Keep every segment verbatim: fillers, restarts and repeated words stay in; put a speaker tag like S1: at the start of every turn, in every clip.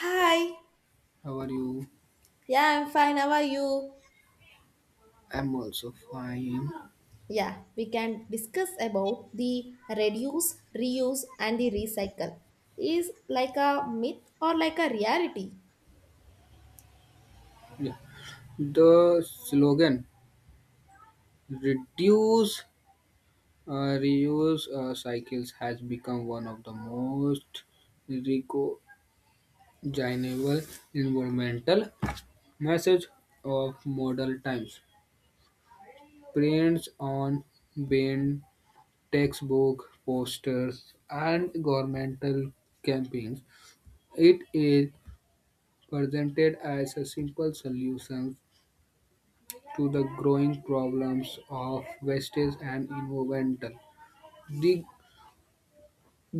S1: Hi.
S2: How are you?
S1: Yeah, I'm fine. How are you?
S2: I'm also fine.
S1: Yeah, we can discuss about the reduce, reuse, and the recycle. Is like a myth or like a reality?
S2: Yeah. The slogan reduce, uh, reuse uh, cycles has become one of the most recognizable environmental message of modern times. Prints on bin, textbook, posters, and governmental campaigns. It is presented as a simple solution to the growing problems of wastage and environmental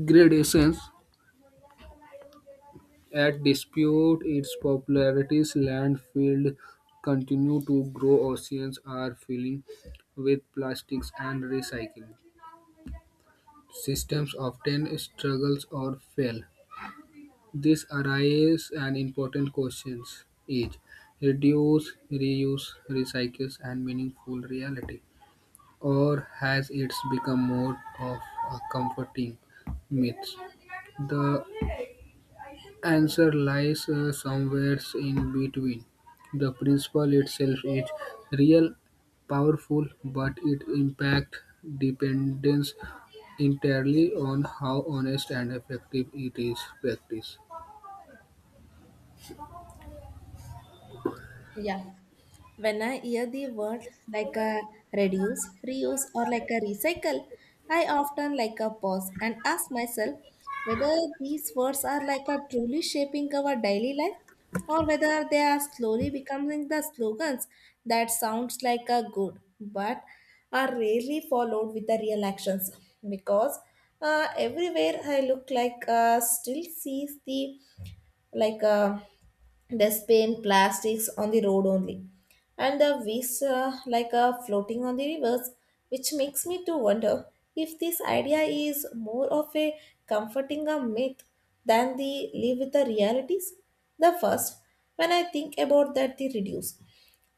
S2: degradation. At dispute its popularity, landfills continue to grow. Oceans are filling with plastics and recycling. Systems often struggles or fail. This arises an important question is reduce, reuse, recycle, and meaningful reality. Or has it become more of a comforting myth? The answer lies uh, somewhere in between. The principle itself is real, powerful, but its impact depends entirely on how honest and effective it is practiced.
S1: Yeah. When I hear the word like a reduce, reuse, or like a recycle, I often like a pause and ask myself whether these words are like a truly shaping our daily life, or whether they are slowly becoming the slogans that sounds like a good but are rarely followed with the real actions, because uh, everywhere I look like uh, still sees the like uh, they spin plastics on the road only, and the waves uh, like uh, floating on the rivers, which makes me to wonder if this idea is more of a comforting a myth than the live with the realities. The first, when I think about that the reduce,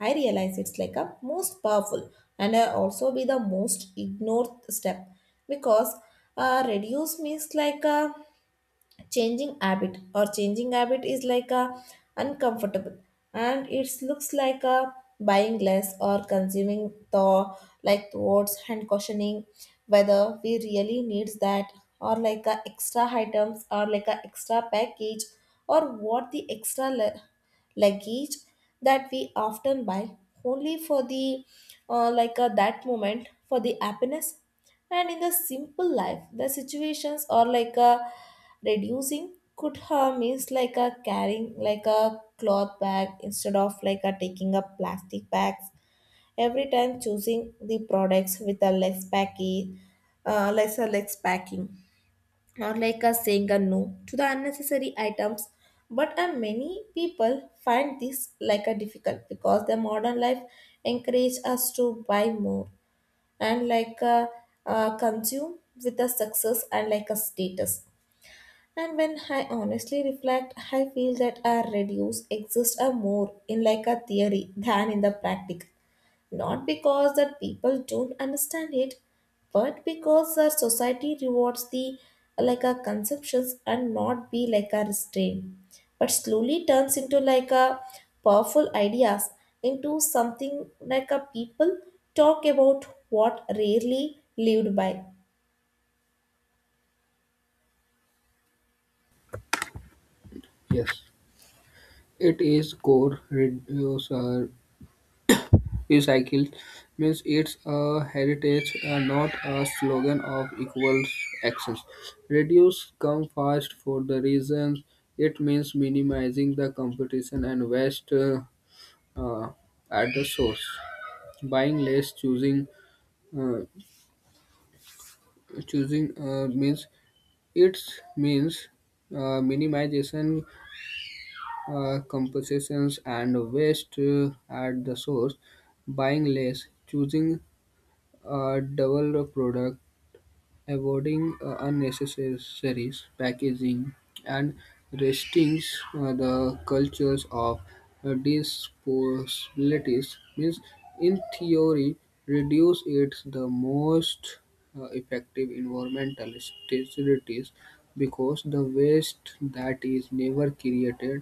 S1: I realize it's like a most powerful and I also be the most ignored step, because uh, reduce means like a changing habit or changing habit is like a uncomfortable, and it looks like a buying less or consuming the like thoughts and questioning whether we really needs that or like a extra items or like a extra package or what the extra le- luggage that we often buy only for the uh, like uh, that moment for the happiness. And in the simple life the situations are like a reducing could harm means like a carrying like a cloth bag instead of like a taking a plastic bags every time, choosing the products with a less packy, uh, lesser less packing, or like a saying a no to the unnecessary items. But uh, many people find this like a difficult because the modern life encourage us to buy more and like uh, uh, consume with a success and like a status. And when I honestly reflect I feel that a reduce exists a more in like a theory than in the practice, not because that people don't understand it, but because our society rewards the like our conceptions and not be like a restraint, but slowly turns into like a powerful ideas into something like a people talk about what rarely lived by.
S2: Yes, it is core reducer recycled means it's a heritage, uh, not a slogan of equal actions. Reduce come fast for the reasons it means minimizing the competition and waste uh, uh, at the source. Buying less, choosing uh, choosing uh, means it means uh, minimization uh, compensations and waste uh, at the source buying less choosing a double product. Avoiding uh, unnecessary packaging and restricting uh, the cultures of uh, disposabilities means, in theory, reduce it's the most uh, effective environmental strategies because the waste that is never created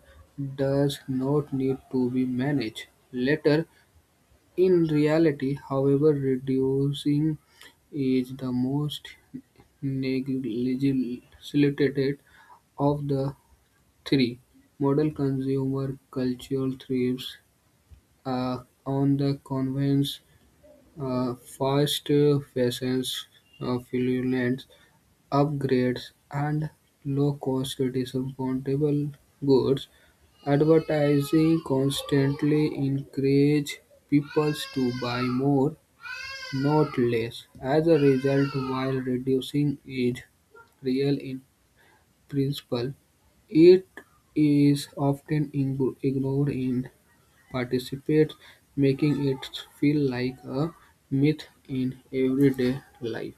S2: does not need to be managed later. In reality, however, reducing is the most Legislated of the three, modern consumer culture thrives uh, on the convenience, uh, fast fashions, uh, fraudulent upgrades, and low-cost disposable goods. Advertising constantly encourages people to buy more, not less. As a result, while reducing its real principle, it is often ing- ignored in participants, making it feel like a myth in everyday life.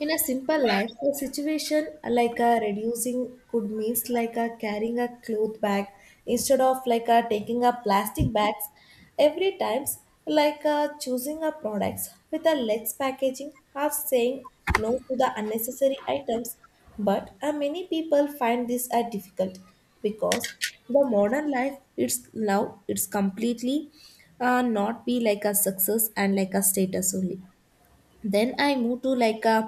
S1: In a simple life, a situation like a reducing could means like a carrying a cloth bag instead of like a taking a plastic bags every times, like a choosing a products with a less packaging or saying no to the unnecessary items. But uh, many people find this a difficult because the modern life it's now it's completely uh, not be like a success and like a status only. Then I move to like a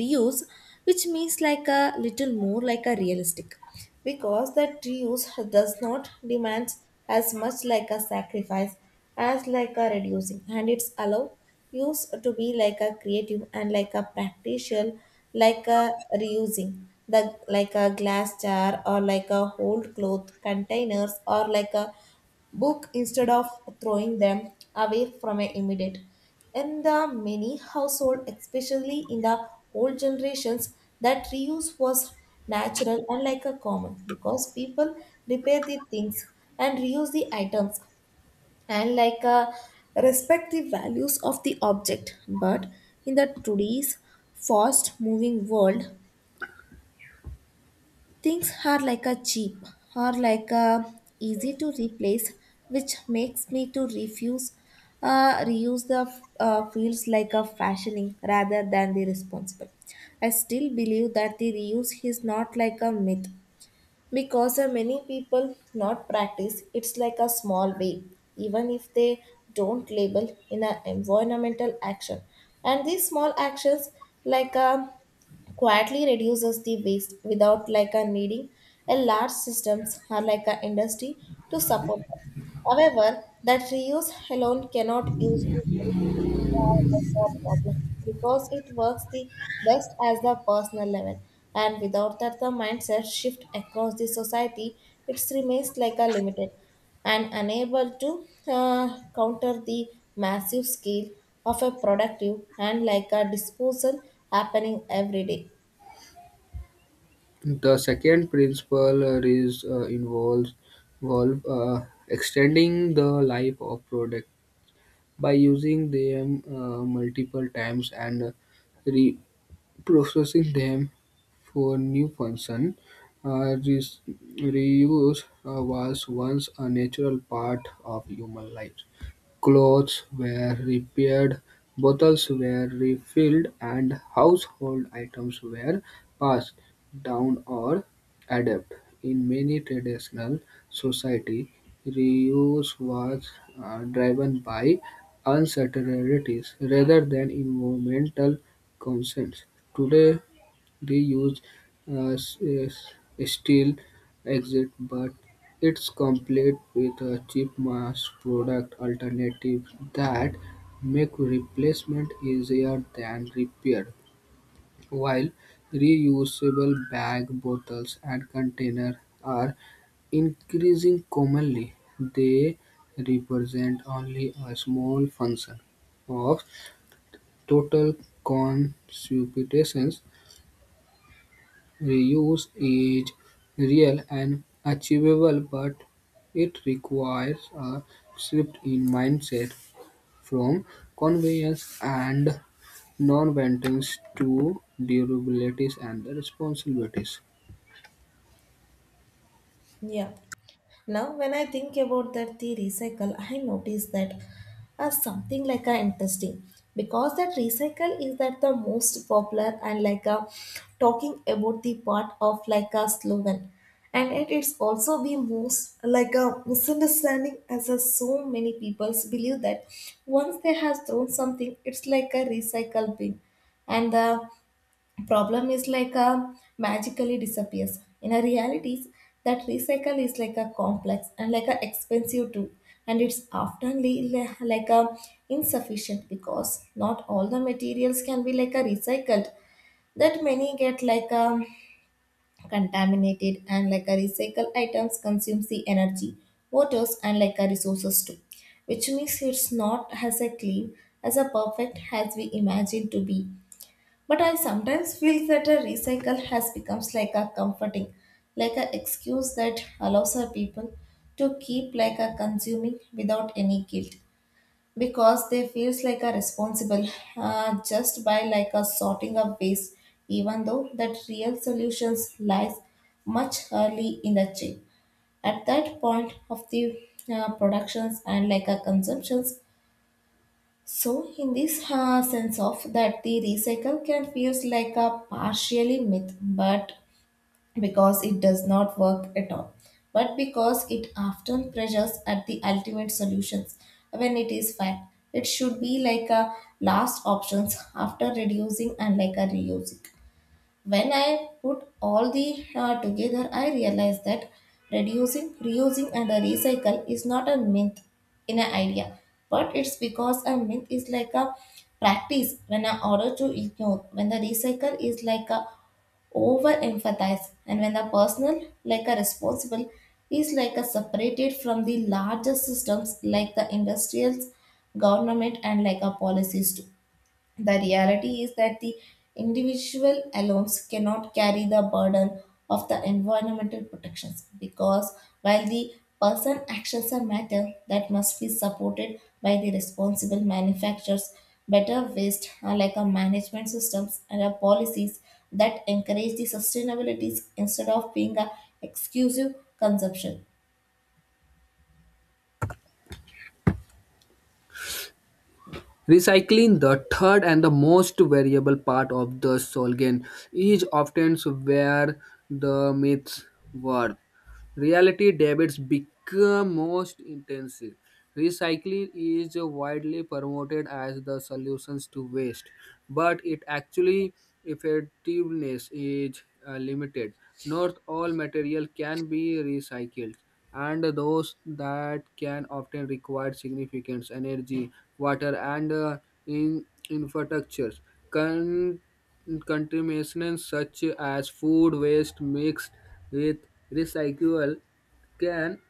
S1: reuse, which means like a little more like a realistic, because that reuse does not demand as much like a sacrifice as like a reducing, and it's allow use to be like a creative and like a practical, like a reusing the like a glass jar or like a old cloth containers or like a book instead of throwing them away from a immediate. In the many household, especially in the old generations, that reuse was natural and like a common because people repair the things and reuse the items and like a respect the values of the object. But in the today's fast moving world, things are like a cheap or like a easy to replace, which makes me to refuse uh, reuse the uh, fields like a fashioning rather than the responsible. I still believe that the reuse is not like a myth because uh, many people not practice it's like a small way, even if they don't label in an environmental action, and these small actions like a quietly reduces the waste without like a needing a large systems or like a industry to support them. However, that reuse alone cannot use the waste uh, for problem, because it works the best as the personal level, and without that the mindset shift across the society it remains like a limited and unable to uh, counter the massive scale of a productive and like a disposal happening every day.
S2: The second principle uh, is uh, involves involve, uh, extending the life of product by using them uh, multiple times and re- processing them for new function. Uh, re- Reuse uh, was once a natural part of human life. Clothes were repaired, bottles were refilled, and household items were passed down or adapted. In many traditional societies, reuse was uh, driven by uncertainties rather than environmental concerns. Today, they used a s- a s- steel exit, but it's complete with a cheap mass product alternative that make replacement easier than repair. While reusable bag bottles and container are increasing commonly, they represent only a small function of total consumption. Reuse is real and achievable, but it requires a shift in mindset from convenience and non-maintenance to durability and responsibilities.
S1: Yeah. Now, when I think about that the recycle, I notice that as something like a interesting, because that recycle is that the most popular and like a talking about the part of like a slogan, and it is also the most like a misunderstanding as a, so many people believe that once they have thrown something it's like a recycle bin and the problem is like a magically disappears. In a realities, that recycle is like a complex and like a expensive too, and it's often le- like a insufficient because not all the materials can be like a recycled, that many get like a contaminated, and like a recycle items consumes the energy, waters and like a resources too, which means it's not as a clean as a perfect as we imagine to be. But I sometimes feel that a recycle has becomes like a comforting, like a excuse that allows our people to keep like a consuming without any guilt, because they feels like a responsible uh, just by like a sorting of waste, even though that real solutions lies much early in the chain at that point of the uh, productions and like a consumptions. So, in this uh, sense of that, the recycle can feels like a partially myth, but because it does not work at all, but because it often pressures at the ultimate solutions when it is fact. It should be like a last options after reducing and like a reusing. When I put all the uh, together I realized that reducing, reusing and a recycle is not a myth in an idea, but it's because a myth is like a practice when an order to ignore, when the recycle is like a over emphasize, and when the personal like a responsible is like a separated from the larger systems like the industrials, government and like a policies too. The reality is that the individual alone cannot carry the burden of the environmental protections, because while the person actions are matter that must be supported by the responsible manufacturers, better waste uh, like a management systems and a policies that encourage the sustainabilities instead of being a exclusive consumption.
S2: Recycling, the third and the most variable part of the Solgen, is often where the myths were. Reality debits become most intensive. Recycling is widely promoted as the solutions to waste, but it actually effectiveness is uh, limited. Not all material can be recycled, and those that can often require significant energy, water, and uh, in infrastructures. Contamination such as food waste mixed with recyclable can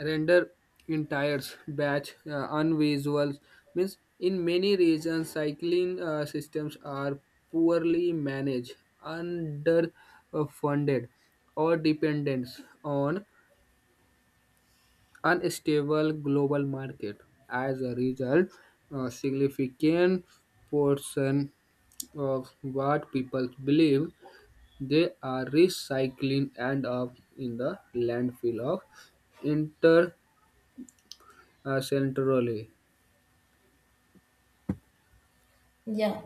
S2: render entire batch uh, unusable. Means in many regions, cycling uh, systems are poorly managed, underfunded, or dependent on unstable global market. As a result, a significant portion of what people believe they are recycling and up in the landfill of intercentrally.
S1: Yeah.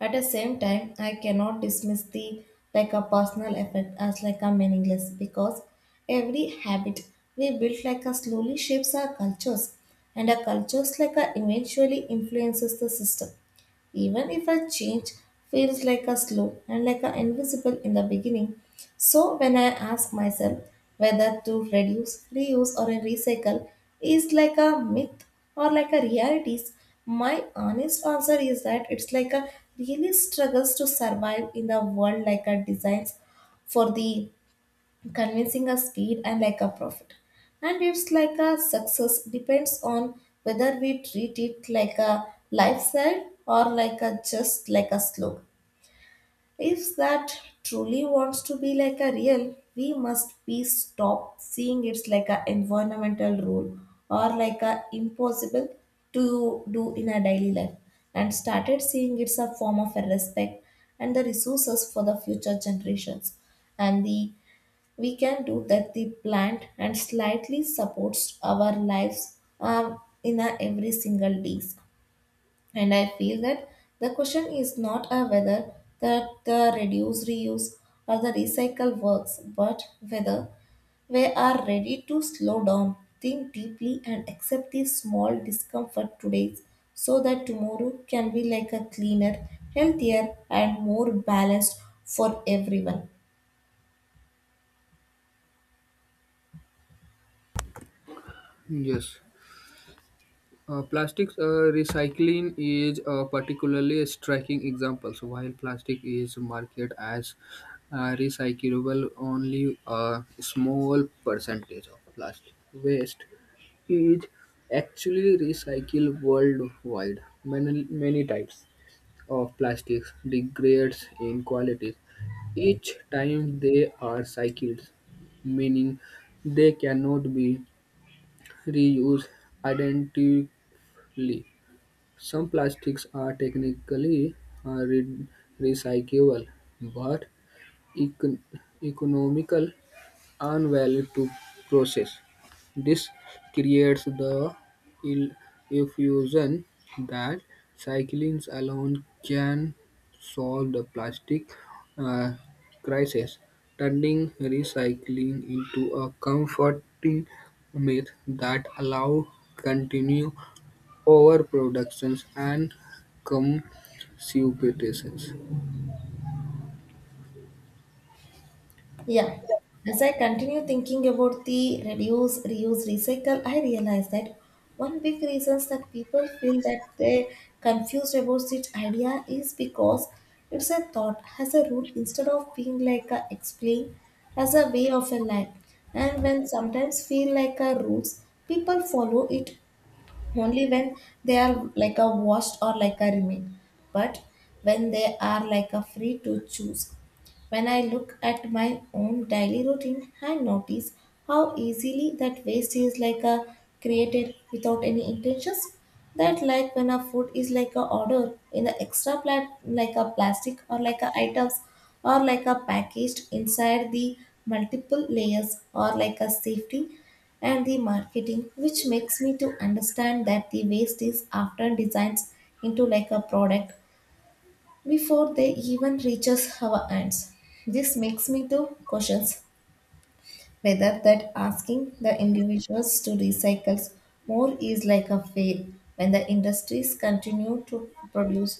S1: At the same time, I cannot dismiss the like a personal effect as like a meaningless, because every habit we build like a slowly shapes our cultures, and our cultures like a eventually influences the system, even if a change feels like a slow and like a invisible in the beginning. So when I ask myself whether to reduce, reuse, or recycle is like a myth or like a realities, my honest answer is that it's like a really struggles to survive in the world like a designs for the convincing a speed and like a profit, and it's like a success depends on whether we treat it like a lifestyle or like a just like a slogan. If that truly wants to be like a real, we must be stop seeing it's like a environmental rule or like a impossible to do in a daily life, and started seeing it's a form of a respect and the resources for the future generations, and the we can do that the plant and slightly supports our lives um, in a every single days. And I feel that the question is not a whether that the reduce, reuse or the recycle works, but whether we are ready to slow down, think deeply and accept the small discomfort today, so that tomorrow can be like a cleaner, healthier and more balanced for everyone.
S2: Yes. Uh, plastics uh, recycling is a particularly striking example. So while plastic is marketed as uh, recyclable, only a small percentage of plastic waste is actually recycled worldwide. Many, many types of plastics degrades in quality each time they are cycled, meaning they cannot be reused identically. Some plastics are technically uh, re- recyclable but econ- economical and value to process. This creates the ill illusion that cyclines alone can solve the plastic uh, crisis, turning recycling into a comforting myth that allows continued overproductions and consumptions.
S1: Yeah. As I continue thinking about the reduce, reuse, recycle, I realize that one big reason that people feel that they confused about this idea is because it's a thought as a rule instead of being like a explain as a way of a life. And when sometimes feel like a rules, people follow it only when they are like a washed or like a remain. But when they are like a free to choose, when I look at my own daily routine, I notice how easily that waste is like a created without any intentions. That like when a food is like a order in the extra plat like a plastic or like a items or like a packaged inside the multiple layers or like a safety and the marketing, which makes me to understand that the waste is often designed into like a product before they even reaches our hands. This makes me to question whether that asking the individuals to recycle more is like a fail when the industries continue to produce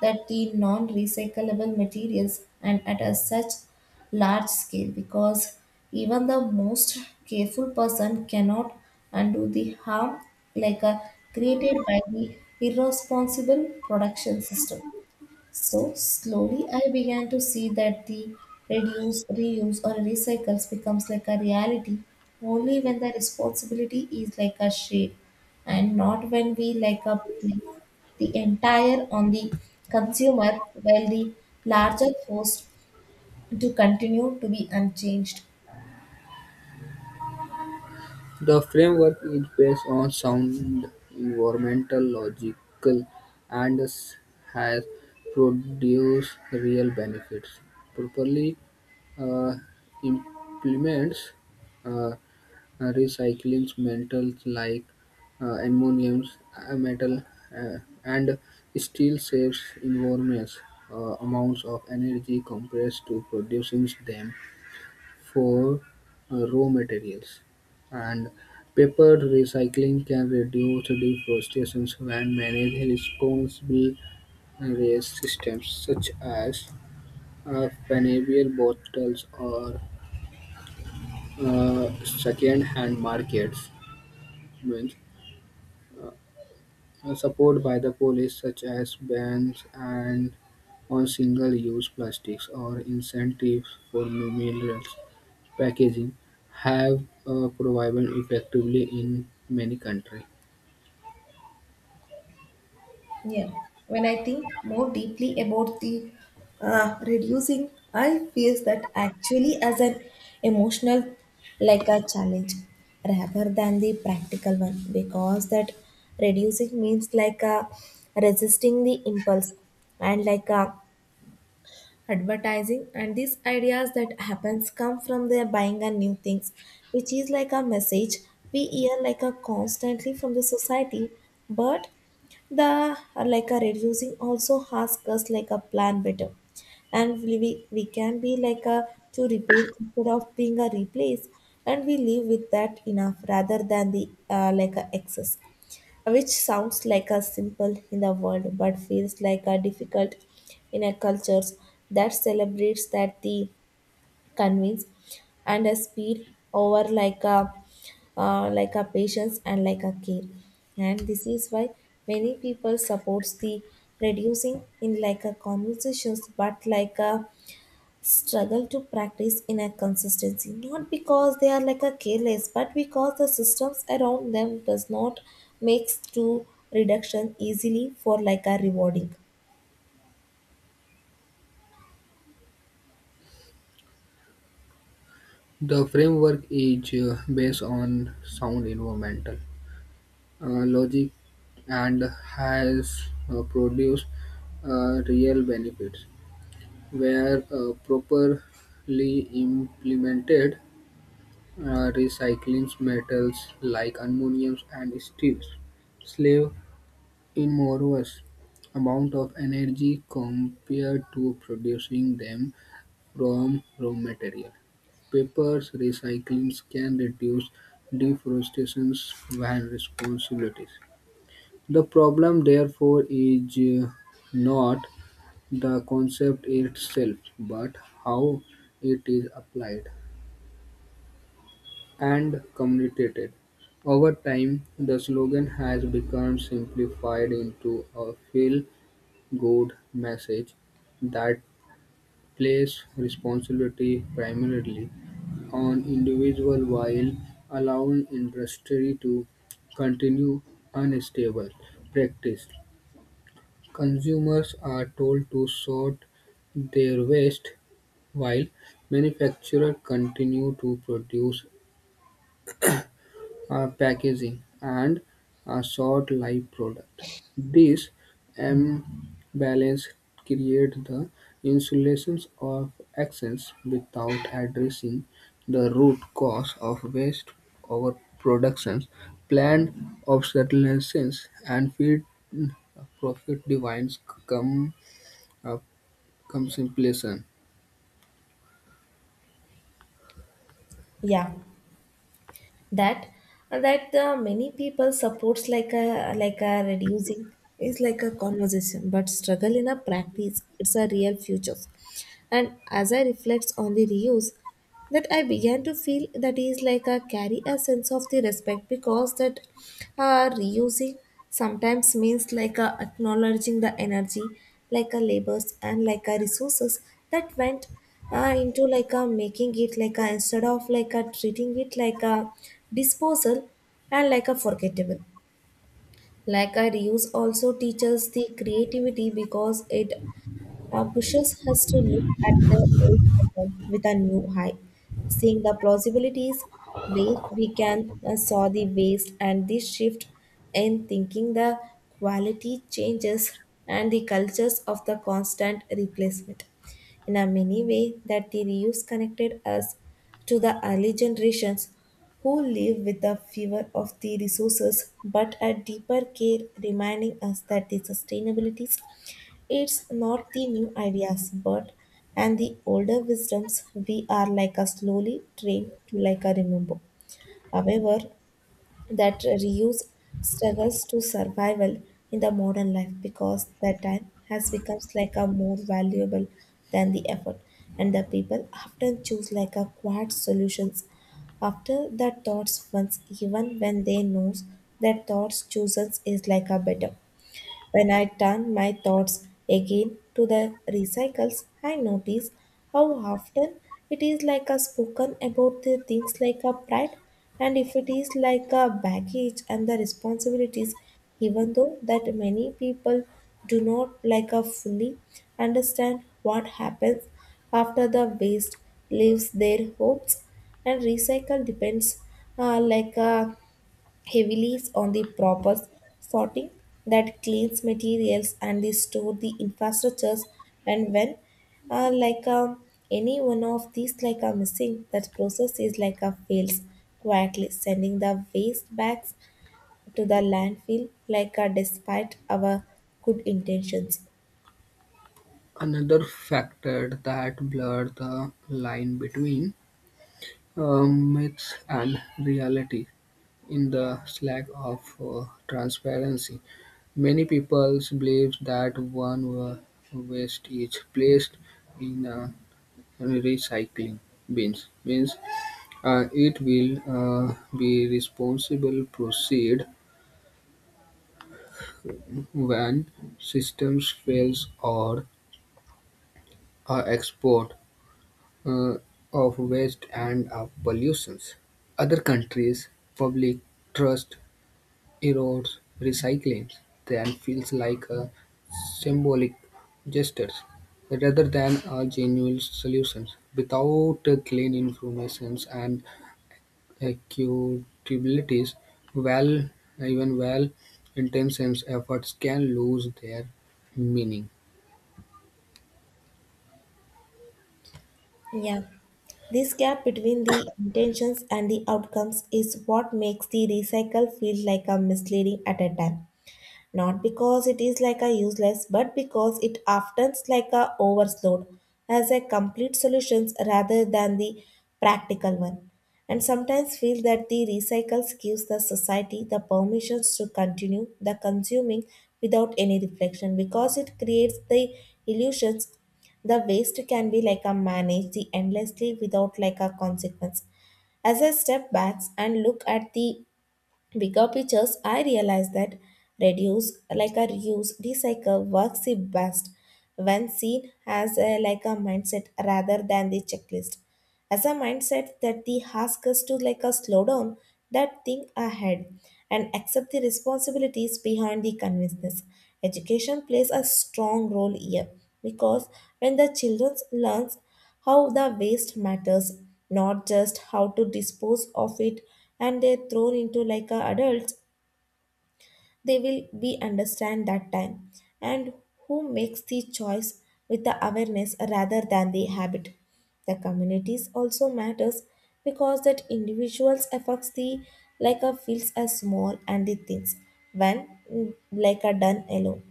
S1: that the non-recyclable materials and at a such large scale, because even the most careful person cannot undo the harm like a created by the irresponsible production system. So slowly I began to see that the reduce, reuse or recycles becomes like a reality only when the responsibility is like a shared and not when we like a place the entire on the consumer while the larger forced to continue to be unchanged.
S2: The framework is based on sound environmental logical, and has produced real benefits. Properly uh, implements uh, recycling metals like uh, ammonium, uh, metal, uh, and steel saves enormous uh, amounts of energy compressed to producing them for uh, raw materials. And paper recycling can reduce deforestation when managed responsible waste systems such as uh, panel bottles or uh, second-hand markets. Means, uh, uh, support by the police such as bans and on single-use plastics or incentives for minerals packaging have uh, proven effectively in many countries.
S1: Yeah, when I think more deeply about the uh, reducing, I feels that actually as an emotional, like a challenge, rather than the practical one, because that reducing means like a resisting the impulse and like a advertising and these ideas that happens come from their buying and new things, which is like a message we hear like a constantly from the society. But the like a reducing also ask us like a plan better and we, we we can be like a to repair instead of being a replace, and we live with that enough rather than the uh, like a excess, which sounds like a simple in the world but feels like a difficult in a cultures that celebrates that the convince and a speed over like a uh, like a patience and like a care. And this is why many people supports the reducing in like a conversations but like a struggle to practice inner consistency, not because they are like a careless but because the systems around them does not makes to reduction easily for like a rewarding.
S2: The framework is uh, based on sound environmental uh, logic and has uh, produced uh, real benefits where uh, properly implemented uh, recycling metals like aluminum and steel slave enormous amount of energy compared to producing them from raw material. Paper's recycling can reduce deforestation and responsibilities. The problem, therefore, is uh, not the concept itself, but how it is applied and communicated. Over time, the slogan has become simplified into a feel good message that place responsibility primarily on individuals while allowing industry to continue unstable practice. Consumers are told to sort their waste while manufacturers continue to produce uh, packaging, and a short life product. This imbalance creates the insulations of excess without addressing the root cause of waste overproduction, planned obsolescence, and feed profit divines come uh, contemplation.
S1: Yeah, that uh, that the many people supports like a like a reducing is like a conversation but struggle in a practice, it's a real futures. And as I reflect on the reuse, that I began to feel that is like a carry a sense of the respect, because that uh, reusing sometimes means like a acknowledging the energy, like a labors and like a resources that went uh, into like a making it, like a instead of like a treating it like a disposal and like a forgettable. Like a reuse also teaches the creativity because it uh, Bushes has to look at the old title with a new eye, seeing the plausibilities where we can uh, saw the waste and the shift in thinking the quality changes and the cultures of the constant replacement. In a many way that the reuse connected us to the early generations who live with the fever of the resources, but a deeper care reminding us that the sustainabilities. It's not the new ideas, but and the older wisdoms we are like a slowly trained to like a remember. However, that reuse struggles to survival in the modern life because that time has become like a more valuable than the effort, and the people often choose like a quiet solutions after the thoughts once, even when they knows that thoughts chooses is like a better. When I turn my thoughts again to the recycles, I notice how often it is like a spoken about the things like a pride, and if it is like a baggage and the responsibilities, even though that many people do not like a fully understand what happens after the waste leaves their homes. And recycle depends uh, like a heavily on the proper sorting that cleans materials and they store the infrastructures. And when uh, like uh, any one of these like are missing, that process is like a fails, quietly sending the waste bags to the landfill like uh, despite our good intentions.
S2: Another factor that blur the line between um, myths and reality. In the slack of uh, transparency, many people believe that one wa- waste is placed in uh, recycling bins. Means uh, it will uh, be responsible proceed when systems fails or uh, export uh, of waste and uh, pollutions. Other countries' public trust Erodes recycling then feels like a symbolic gesture, rather than a genuine solution. Without the clean informations and accountabilities, well, even well-intentioned efforts can lose their meaning.
S1: Yeah, this gap between the intentions and the outcomes is what makes the recycle feel like a misleading at a time, not because it is like a useless but because it often is like a overload as a complete solutions rather than the practical one. And sometimes feel that the recycles gives the society the permissions to continue the consuming without any reflection, because it creates the illusions the waste can be like a managed the endlessly without like a consequence. As I step back and look at the bigger pictures, I realize that reduce, like a reuse, recycle works the best when seen as a, like a mindset rather than the checklist. As a mindset that the ask us to like a slow down, that think ahead, and accept the responsibilities behind the convinceness. Education plays a strong role here, because when the children learns how the waste matters, not just how to dispose of it, and they're thrown into like a adults, they will be understand that time and who makes the choice with the awareness rather than the habit. The communities also matters because that individuals affects the like a feels as small and the things when mm, like a done alone.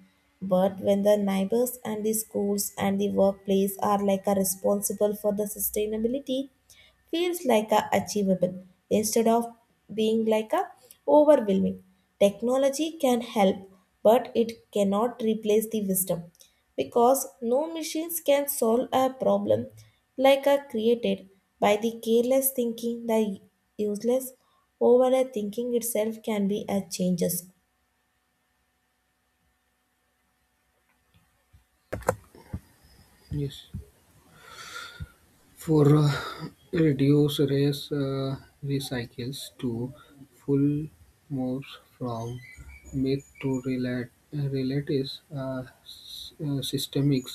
S1: But when the neighbors and the schools and the workplace are like a responsible for the sustainability, feels like a achievable instead of being like a overwhelming. Technology can help, but it cannot replace the wisdom, because no machines can solve a problem like a created by the careless thinking the useless over a thinking itself can be a changes.
S2: Yes. For uh, reduce race uh, recycles to full moves from myth to relat- realities uh, s- uh, systemic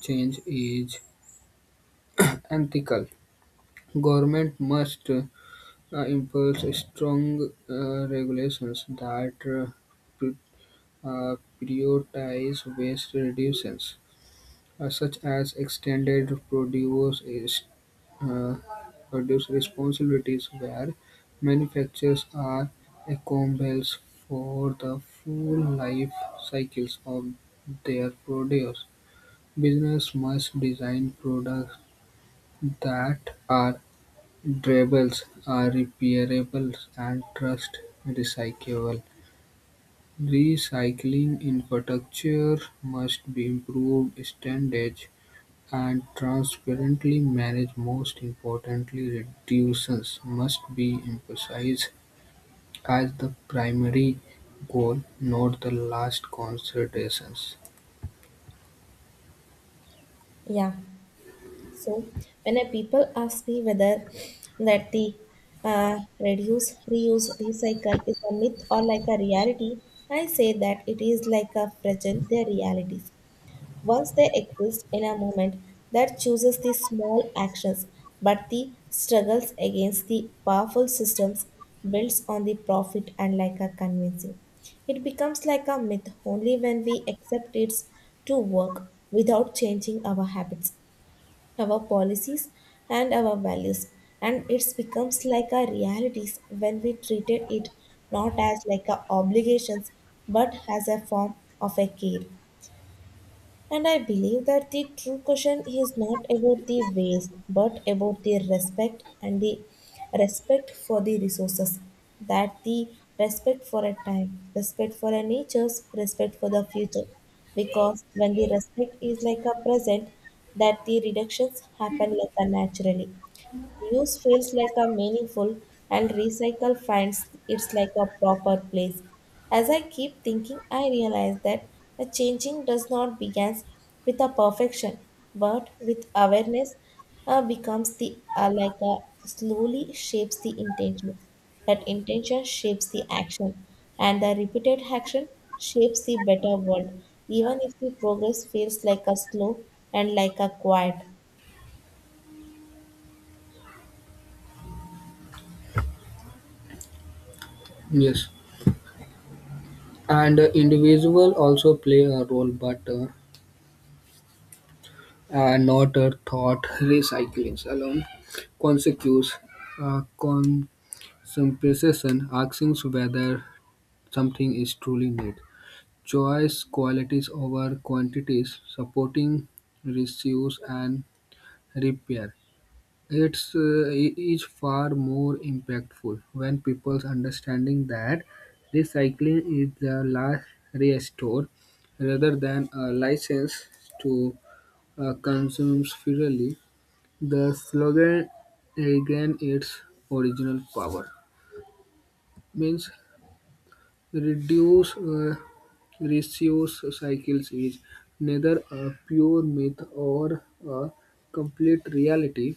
S2: change is unethical. Government must uh, impose strong uh, regulations that uh, pri- uh, prioritize waste reductions uh, such as extended produce is uh, produce responsibilities where manufacturers are accountable for the full life cycles of their produce. Business must design products that are durable, are repairable, and trust recyclable. Recycling infrastructure must be improved. Standards and transparently managed most importantly reductions must be emphasized as the primary goal, not the last considerations.
S1: Yeah. So, when a people ask me whether that the uh, reduce, reuse, recycle is a myth or like a reality, I say that it is like a fragile their realities. Once they exist in a moment that chooses the small actions, but the struggles against the powerful systems builds on the profit and like a convincing. It becomes like a myth only when we accept it to work without changing our habits, our policies, and our values. And it becomes like a realities when we treated it not as like a obligations but as a form of a care. And I believe that the true question is not about the waste, but about the respect and the respect for the resources. That the respect for a time, respect for a nature's, respect for the future. Because when the respect is like a present, that the reductions happen like a naturally. Reuse feels like a meaningful and recycle finds it's like a proper place. As I keep thinking, I realize that a changing does not begins with a perfection, but with awareness uh, becomes the uh, like a slowly shapes the intention. That intention shapes the action, and the repeated action shapes the better world. Even if the progress feels like a slow and like a quiet.
S2: Yes, and uh, individual also play a role, but uh, uh, not a thought recycling alone. Consequence, uh, consumption, asking whether something is truly needed. Choice qualities over quantities, supporting reuse and repair. It's uh, i- is far more impactful when people's understanding that recycling is the last restore rather than a license to uh, consume freely. The slogan regain its original power means Reduce uh, reuse cycles is neither a pure myth or a complete reality.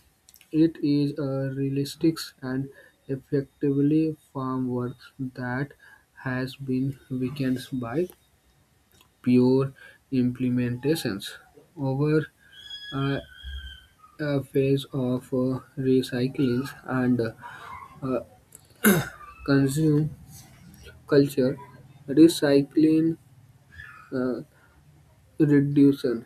S2: It is a realistic and effectively farm work that has been weakened by pure implementations over a, a phase of uh, recycling and uh, uh, consume culture. Recycling uh, reduction.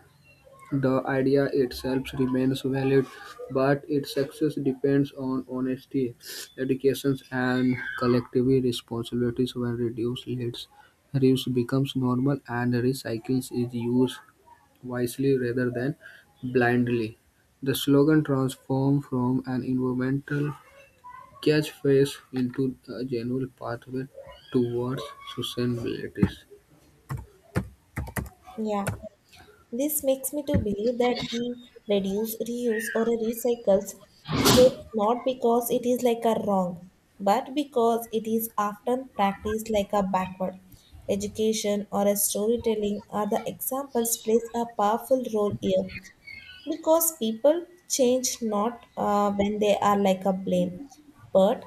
S2: The idea itself remains valid, but its success depends on honesty, education, and collective responsibilities. When reduced leads, reuse becomes normal and recycling is used wisely rather than blindly. The slogan transformed from an environmental catchphrase into a genuine pathway towards sustainability.
S1: Yeah. This makes me to believe that the reduce, reuse, or recycles is not because it is like a wrong, but because it is often practiced like a backward. Education or a storytelling are the examples plays a powerful role here, because people change not uh, when they are like a blame, but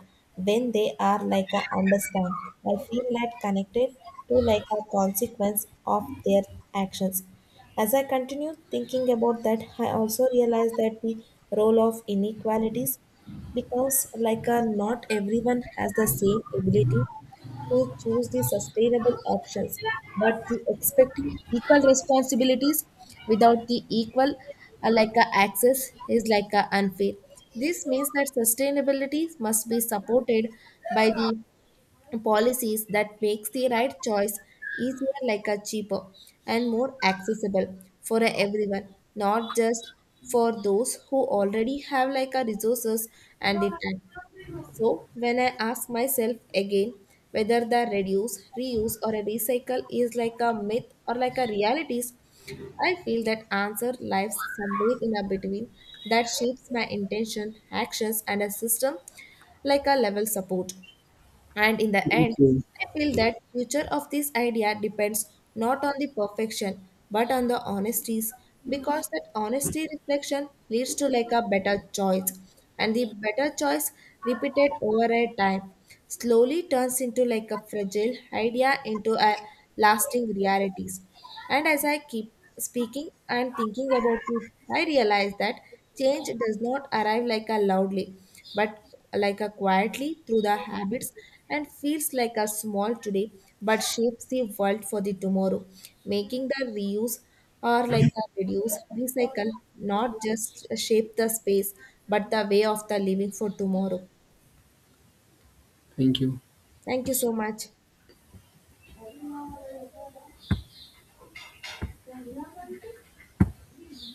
S1: when they are like a understand, I feel like connected to like a consequence of their actions. As I continue thinking about that, I also realize that the role of inequalities, because like a, not everyone has the same ability to choose the sustainable options, but the expecting equal responsibilities without the equal uh, like a access is like a unfair. This means that sustainability must be supported by the policies that makes the right choice easier, like a cheaper and more accessible for a everyone, not just for those who already have like a resources and the time. So, when I ask myself again whether the reduce, reuse, or a recycle is like a myth or like a realities, I feel that answer lies somewhere in a between, that shapes my intention, actions, and a system like a level support. And in the end,
S2: Thank you.
S1: I feel that future of this idea depends not on the perfection but on the honesties, because that honesty reflection leads to like a better choice, and the better choice repeated over a time slowly turns into like a fragile idea into a lasting realities. And as I keep speaking and thinking about it, I realize that change does not arrive like a loudly, but like a quietly through the habits, and feels like a small today but shapes the world for the tomorrow, making the reuse or like a reduce recycle not just shape the space but the way of the living for tomorrow.
S2: Thank you.
S1: Thank you so much.